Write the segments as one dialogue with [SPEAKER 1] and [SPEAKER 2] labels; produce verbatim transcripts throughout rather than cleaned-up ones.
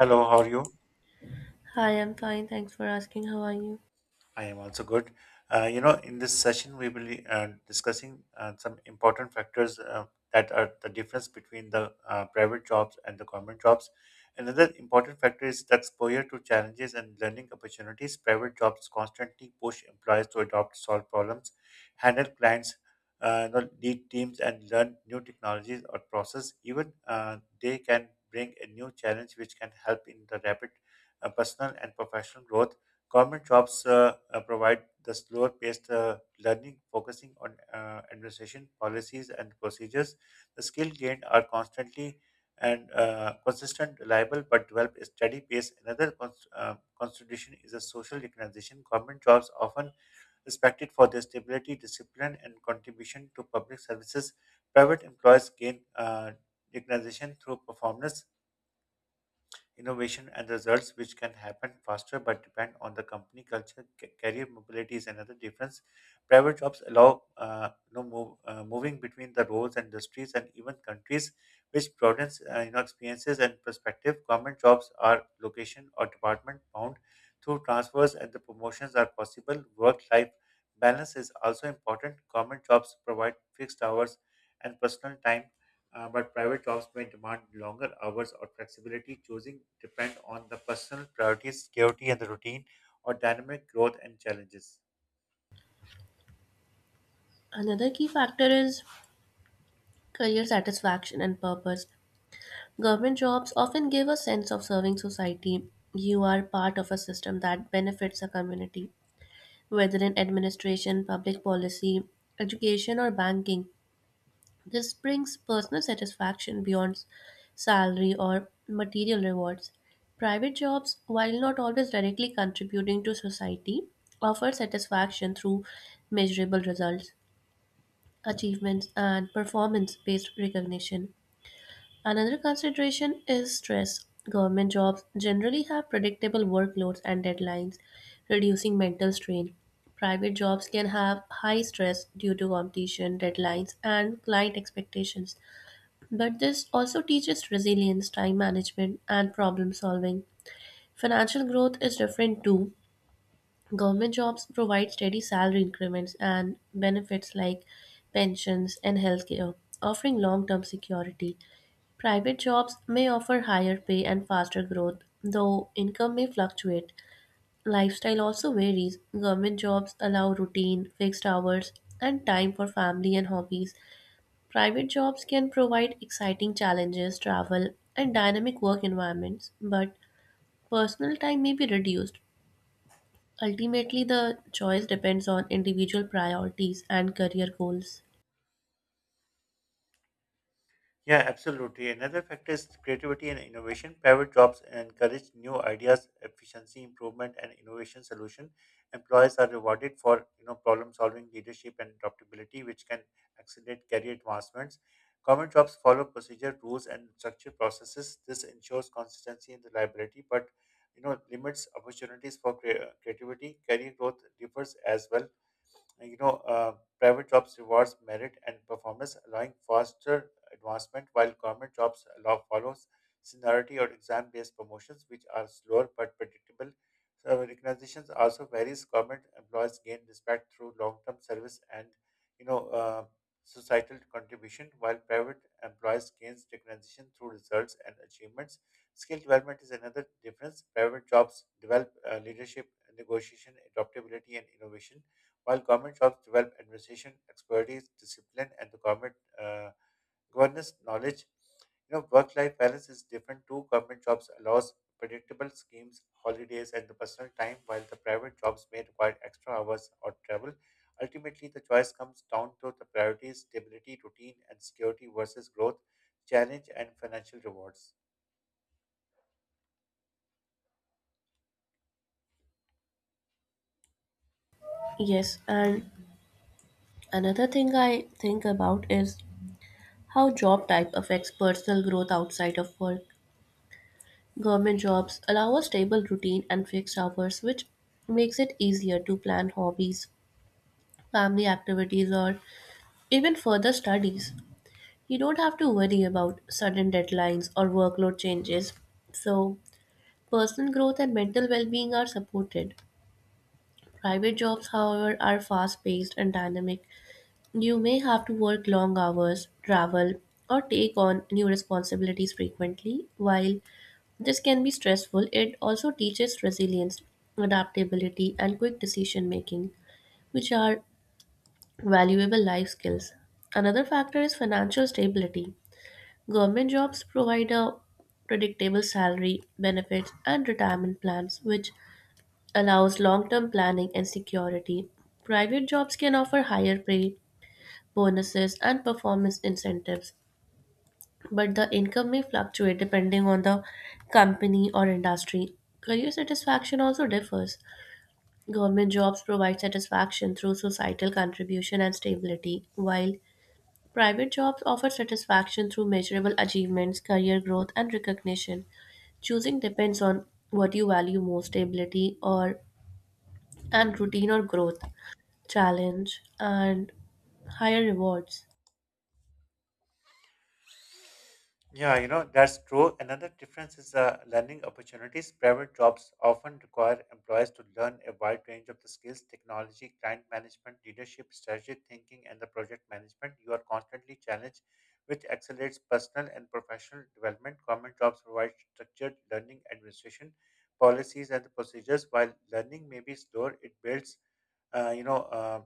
[SPEAKER 1] Hello, how are you?
[SPEAKER 2] Hi, I'm fine. Thanks for asking. How are you?
[SPEAKER 1] I am also good. Uh, you know, in this session, we will be uh, discussing uh, some important factors uh, that are the difference between the uh, private jobs and the government jobs. Another important factor is the exposure to challenges and learning opportunities. Private jobs constantly push employees to adopt, solve problems, handle clients, uh, you know, lead teams, and learn new technologies or process. Even uh, they can bring a new challenge which can help in the rapid uh, personal and professional growth. Government jobs uh, uh, provide the slower paced uh, learning, focusing on uh, administration, policies, and procedures. The skills gained are constantly and uh, consistent, reliable, but develop a steady pace. Another cons- uh, constitution is a social recognition. Government jobs often respected for their stability, discipline, and contribution to public services. Private employees gain uh, recognition through performance innovation and results which can happen faster but depend on the company culture. Ca- Career mobility is another difference. Private jobs allow uh, you know, move, uh, moving between the roles, industries, and even countries, which broadens uh, you know, experiences and perspective. Government jobs are location or department bound. Through transfers and the promotions are possible. Work-life balance is also important. Government jobs provide fixed hours and personal time, uh, but private jobs may demand longer hours or flexibility. Choosing depend on the personal priorities, security and the routine, or dynamic growth and challenges.
[SPEAKER 2] Another key factor is career satisfaction and purpose. Government jobs often give a sense of serving society. You are part of a system that benefits a community, whether in administration, public policy, education, or banking. This brings personal satisfaction beyond salary or material rewards. Private jobs, while not always directly contributing to society, offer satisfaction through measurable results, achievements, and performance based recognition. Another consideration is stress. Government jobs generally have predictable workloads and deadlines, reducing mental strain. Private jobs can have high stress due to competition, deadlines, and client expectations. But this also teaches resilience, time management, and problem solving. Financial growth is different too. Government jobs provide steady salary increments and benefits like pensions and healthcare, offering long term security. Private jobs may offer higher pay and faster growth, though income may fluctuate. Lifestyle also varies. Government jobs allow routine, fixed hours, and time for family and hobbies. Private jobs can provide exciting challenges, travel, and dynamic work environments, but personal time may be reduced. Ultimately, the choice depends on individual priorities and career goals.
[SPEAKER 1] Yeah, absolutely. Another factor is creativity and innovation. Private jobs encourage new ideas, efficiency improvement, and innovation solution. Employees are rewarded for you know problem solving, leadership, and adaptability, which can accelerate career advancements. Government jobs follow procedure, rules, and structured processes. This ensures consistency and reliability, but you know limits opportunities for crea- creativity. Career growth differs as well you know, uh, private jobs rewards merit and performance, allowing faster advancement, while government jobs allow follows seniority or exam-based promotions, which are slower but predictable. So recognitions also varies. Government employees gain respect through long-term service and, you know, uh, societal contribution, while private employees gains recognition through results and achievements. Skill development is another difference. Private jobs develop uh, leadership, negotiation, adaptability, and innovation while government shops develop administration, expertise, discipline, and the government uh, governance knowledge. You know, work-life balance is different too. Government jobs allows predictable schemes, holidays, and the personal time, while the private jobs may require extra hours or travel. Ultimately, the choice comes down to the priorities, stability, routine, and security versus growth, challenge, and financial rewards.
[SPEAKER 2] Yes, and another thing I think about is how job type affects personal growth outside of work. Government jobs allow a stable routine and fixed hours, which makes it easier to plan hobbies, family activities, or even further studies. You don't have to worry about sudden deadlines or workload changes. So, personal growth and mental well being are supported. Private jobs, however, are fast paced and dynamic. You may have to work long hours, travel, or take on new responsibilities frequently. While this can be stressful, it also teaches resilience, adaptability, and quick decision making, which are valuable life skills. Another factor is financial stability. Government jobs provide a predictable salary, benefits, and retirement plans, which allows long-term planning and security. Private jobs can offer higher pay, bonuses, and performance incentives, but the income may fluctuate depending on the company or industry. Career satisfaction also differs. Government jobs provide satisfaction through societal contribution and stability, while private jobs offer satisfaction through measurable achievements, career growth, and recognition. Choosing depends on what you value most, stability or and routine or growth, challenge, and higher rewards.
[SPEAKER 1] Yeah, you know, that's true. Another difference is uh, learning opportunities. Private jobs often require employees to learn a wide range of the skills, technology, client management, leadership, strategic thinking, and the project management. You are constantly challenged, which accelerates personal and professional development. Government jobs provide structured learning, administration, policies, and the procedures. While learning may be slower, it builds uh, you know, uh,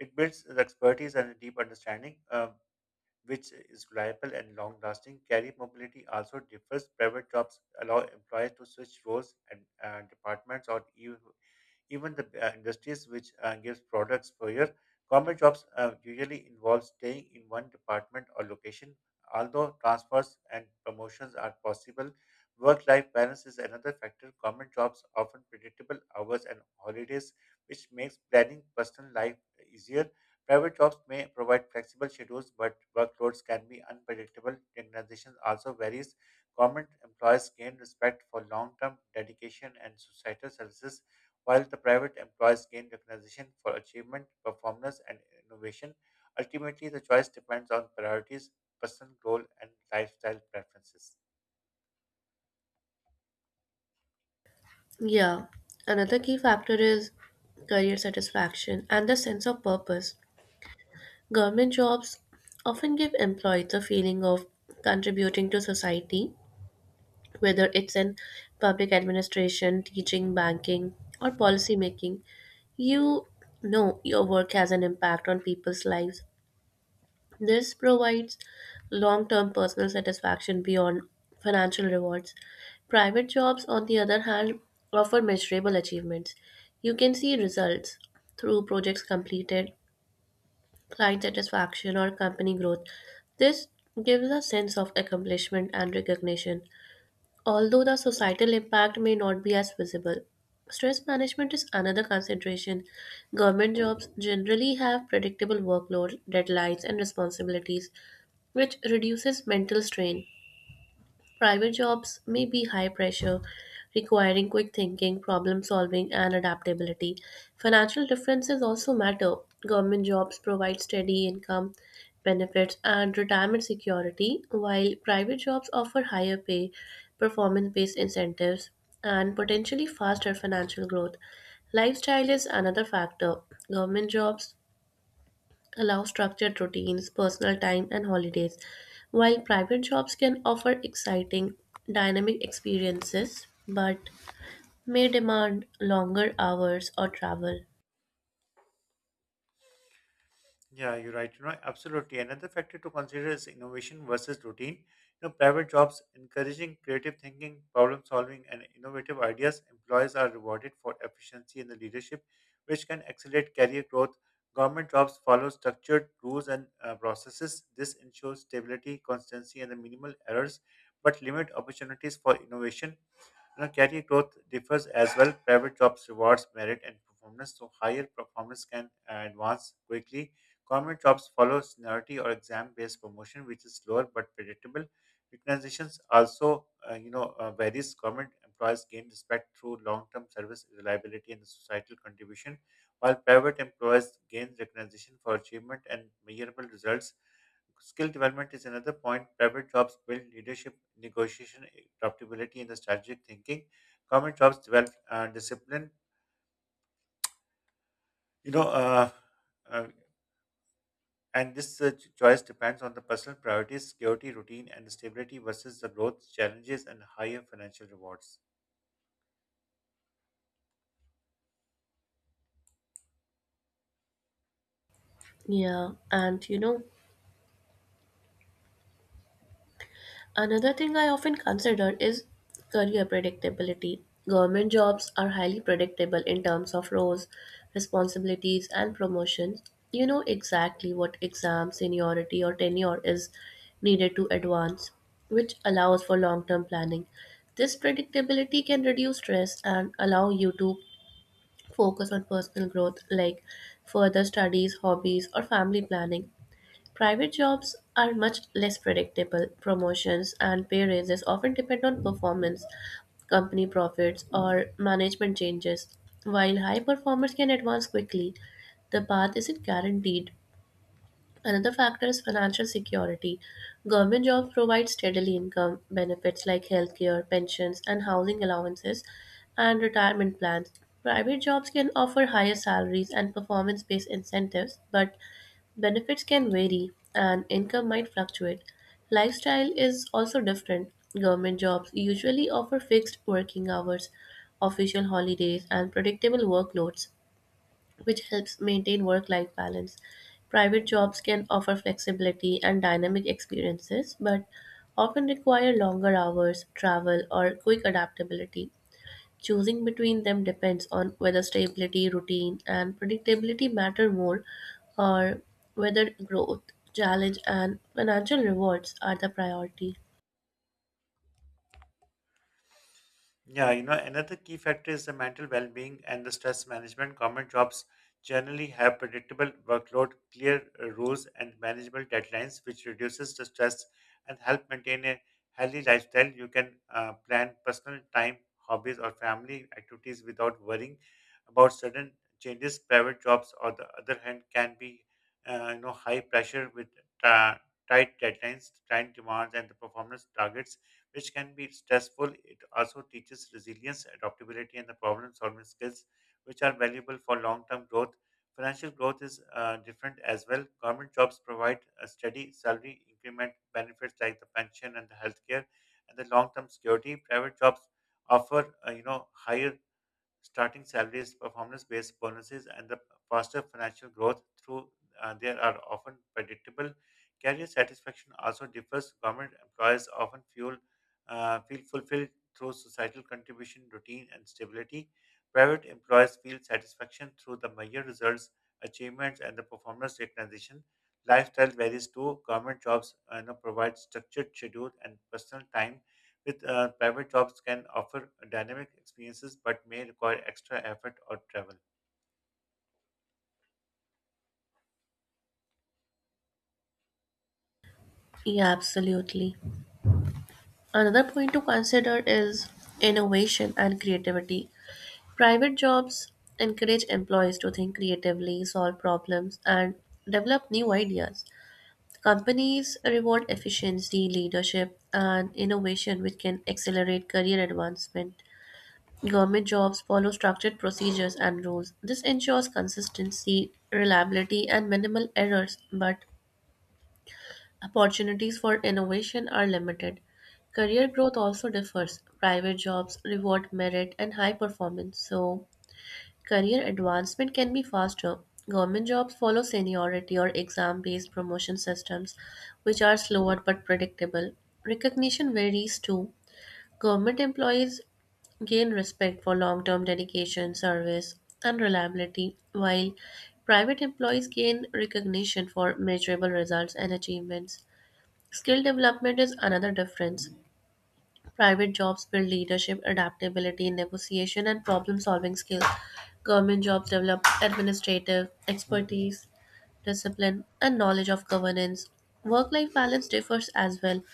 [SPEAKER 1] it builds the expertise and a deep understanding. Um which is reliable and long lasting. Career mobility also differs. Private jobs allow employees to switch roles and uh, departments or even even the uh, industries which uh, gives products for your. Government jobs uh, usually involve staying in one department or location. Although transfers and promotions are possible, work-life balance is another factor. Government jobs often predictable hours and holidays, which makes planning personal life easier. Private jobs may provide flexible schedules, but workloads can be unpredictable. Recognition also varies. Government employees gain respect for long-term dedication and societal services while the private employees gain recognition for achievement, performance, and innovation. Ultimately, the choice depends on priorities, personal goal, and lifestyle preferences.
[SPEAKER 2] Yeah, another key factor is career satisfaction and the sense of purpose. Government jobs often give employees a feeling of contributing to society, whether it's in public administration, teaching, banking, or policy making. You know your work has an impact on people's lives. This provides long term personal satisfaction beyond financial rewards. Private jobs, on the other hand, offer measurable achievements. You can see results through projects completed, client satisfaction, or company growth. This gives a sense of accomplishment and recognition, although the societal impact may not be as visible. Stress management is another consideration. Government jobs generally have predictable workload, deadlines, and responsibilities, which reduces mental strain. Private jobs may be high pressure, requiring quick thinking, problem solving, and adaptability. Financial differences also matter. Government jobs provide steady income, benefits, and retirement security, while private jobs offer higher pay, performance based incentives, and potentially faster financial growth. Lifestyle is another factor. Government jobs allow structured routines, personal time, and holidays, while private jobs can offer exciting, dynamic experiences, but may demand longer hours or travel.
[SPEAKER 1] Yeah, you're right. You know, absolutely. Another factor to consider is innovation versus routine. You know, private jobs encouraging creative thinking, problem solving, and innovative ideas. Employees are rewarded for efficiency in the leadership, which can accelerate career growth. Government jobs follow structured rules and uh, processes. This ensures stability, constancy, and the minimal errors, but limit opportunities for innovation. You know, career growth differs as well. Private jobs rewards merit and performance, so higher performance can uh, advance quickly. Government jobs follow seniority or exam-based promotion, which is slower but predictable. Recognitions also, uh, you know, uh, varies. Government employees gain respect through long-term service, reliability, and societal contribution, while private employees gain recognition for achievement and measurable results. Skill development is another point. Private jobs build leadership, negotiation, adaptability, and the strategic thinking. Government jobs develop uh, discipline. You know, uh, uh, and this uh, ch- choice depends on the personal priorities, security, routine, and stability versus the growth challenges and higher financial rewards.
[SPEAKER 2] Yeah, and you know, another thing I often consider is career predictability. Government jobs are highly predictable in terms of roles, responsibilities, and promotions. You know exactly what exam, seniority, or tenure is needed to advance, which allows for long term planning. This predictability can reduce stress and allow you to focus on personal growth, like further studies, hobbies, or family planning. Private jobs are much less predictable. Promotions and pay raises often depend on performance, company profits, or management changes. While high performers can advance quickly, the path isn't guaranteed. Another factor is financial security. Government jobs provide steady income benefits like healthcare, pensions, and housing allowances, and retirement plans. Private jobs can offer higher salaries and performance based incentives, but benefits can vary and income might fluctuate. Lifestyle is also different. Government jobs usually offer fixed working hours, official holidays, and predictable workloads, which helps maintain work life balance. Private jobs can offer flexibility and dynamic experiences, but often require longer hours, travel, or quick adaptability. Choosing between them depends on whether stability, routine, and predictability matter more, or whether growth, challenge, and financial rewards are the priority.
[SPEAKER 1] Yeah, you know, another key factor is the mental well being and the stress management. Government jobs generally have predictable workload, clear uh, rules, and manageable deadlines, which reduces the stress and help maintain a healthy lifestyle. You can uh, plan personal time, hobbies, or family activities without worrying about sudden changes. Private jobs, on the other hand, can be uh, you know high pressure with uh, tight deadlines, client demands, and the performance targets which can be stressful. It also teaches resilience, adaptability, and the problem solving skills, which are valuable for long term growth. Financial growth is uh, different as well. Government jobs provide a steady salary increment benefits like the pension and the healthcare and the long term security. Private jobs offer uh, you know higher starting salaries, performance-based bonuses, and the faster financial growth through uh, there are often predictable. Career satisfaction also differs. Government employees often feel uh, feel fulfilled through societal contribution, routine, and stability. Private employees feel satisfaction through the measure results, achievements, and the performance recognition. Lifestyle varies too. Government jobs uh, you know, provide structured schedule and personal time with uh, private jobs can offer dynamic experiences but may require extra effort or travel.
[SPEAKER 2] Yeah, absolutely. Another point to consider is innovation and creativity. Private jobs encourage employees to think creatively, solve problems, and develop new ideas. Companies reward efficiency, leadership, and innovation, which can accelerate career advancement. Government jobs follow structured procedures and rules. This ensures consistency, reliability, and minimal errors, but opportunities for innovation are limited. Career growth also differs. Private jobs reward merit and high performance, so career advancement can be faster. Government jobs follow seniority or exam based promotion systems, which are slower but predictable. Recognition varies too. Government employees gain respect for long term dedication, service, and reliability, while private employees gain recognition for measurable results and achievements. Skill development is another difference. Private jobs build leadership, adaptability, negotiation, and problem solving skills. Government jobs develop administrative expertise, discipline, and knowledge of governance. Work life balance differs as well.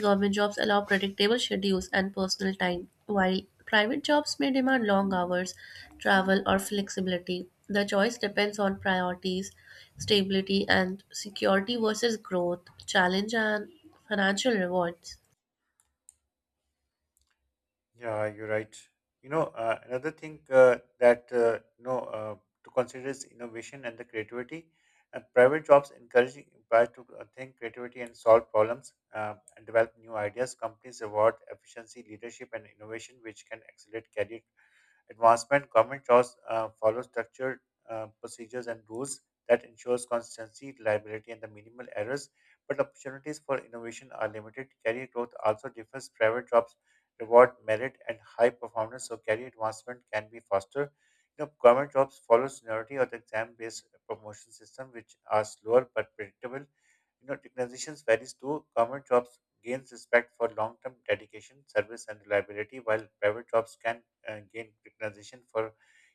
[SPEAKER 2] Government jobs allow predictable schedules and personal time, while private jobs may demand long hours, travel, or flexibility. The choice depends on priorities, stability and security versus growth, challenge, and financial rewards.
[SPEAKER 1] Yeah, you're right. You know, uh, another thing uh, that uh, you know uh, To consider is innovation and the creativity. Uh, private jobs encourage employees to uh, think creativity and solve problems uh, and develop new ideas. Companies reward efficiency, leadership, and innovation, which can accelerate career advancement, government jobs uh, follow structured uh, procedures and rules that ensures consistency, reliability, and the minimal errors. But opportunities for innovation are limited. Career growth also differs. Private jobs reward merit and high performance, so career advancement can be faster. You know, government jobs follow seniority or the exam-based promotion system, which are slower but predictable. You know, recognitions varies too. Government jobs gains respect for long-term dedication, service, and reliability, while private jobs can uh, gain recognition for,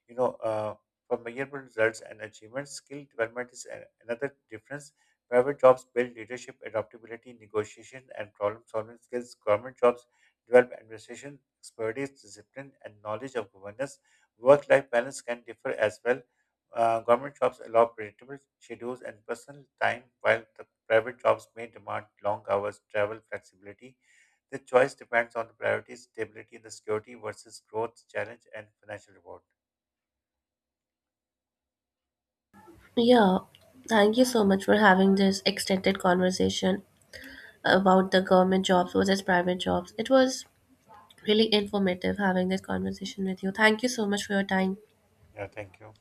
[SPEAKER 1] you know, uh, for measurable results and achievements. Skill development is a- another difference. Private jobs build leadership, adaptability, negotiation, and problem-solving skills. Government jobs develop administration, expertise, discipline, and knowledge of governance. Work-life balance can differ as well. Uh, government jobs allow predictable schedules and personal time, while the private jobs may demand long hours, travel flexibility. The choice depends on the priorities, stability, and the security versus growth, challenge, and financial reward.
[SPEAKER 2] Yeah, thank you so much for having this extended conversation about the government jobs versus private jobs. It was really informative having this conversation with you. Thank you so much for your time.
[SPEAKER 1] Yeah, thank you.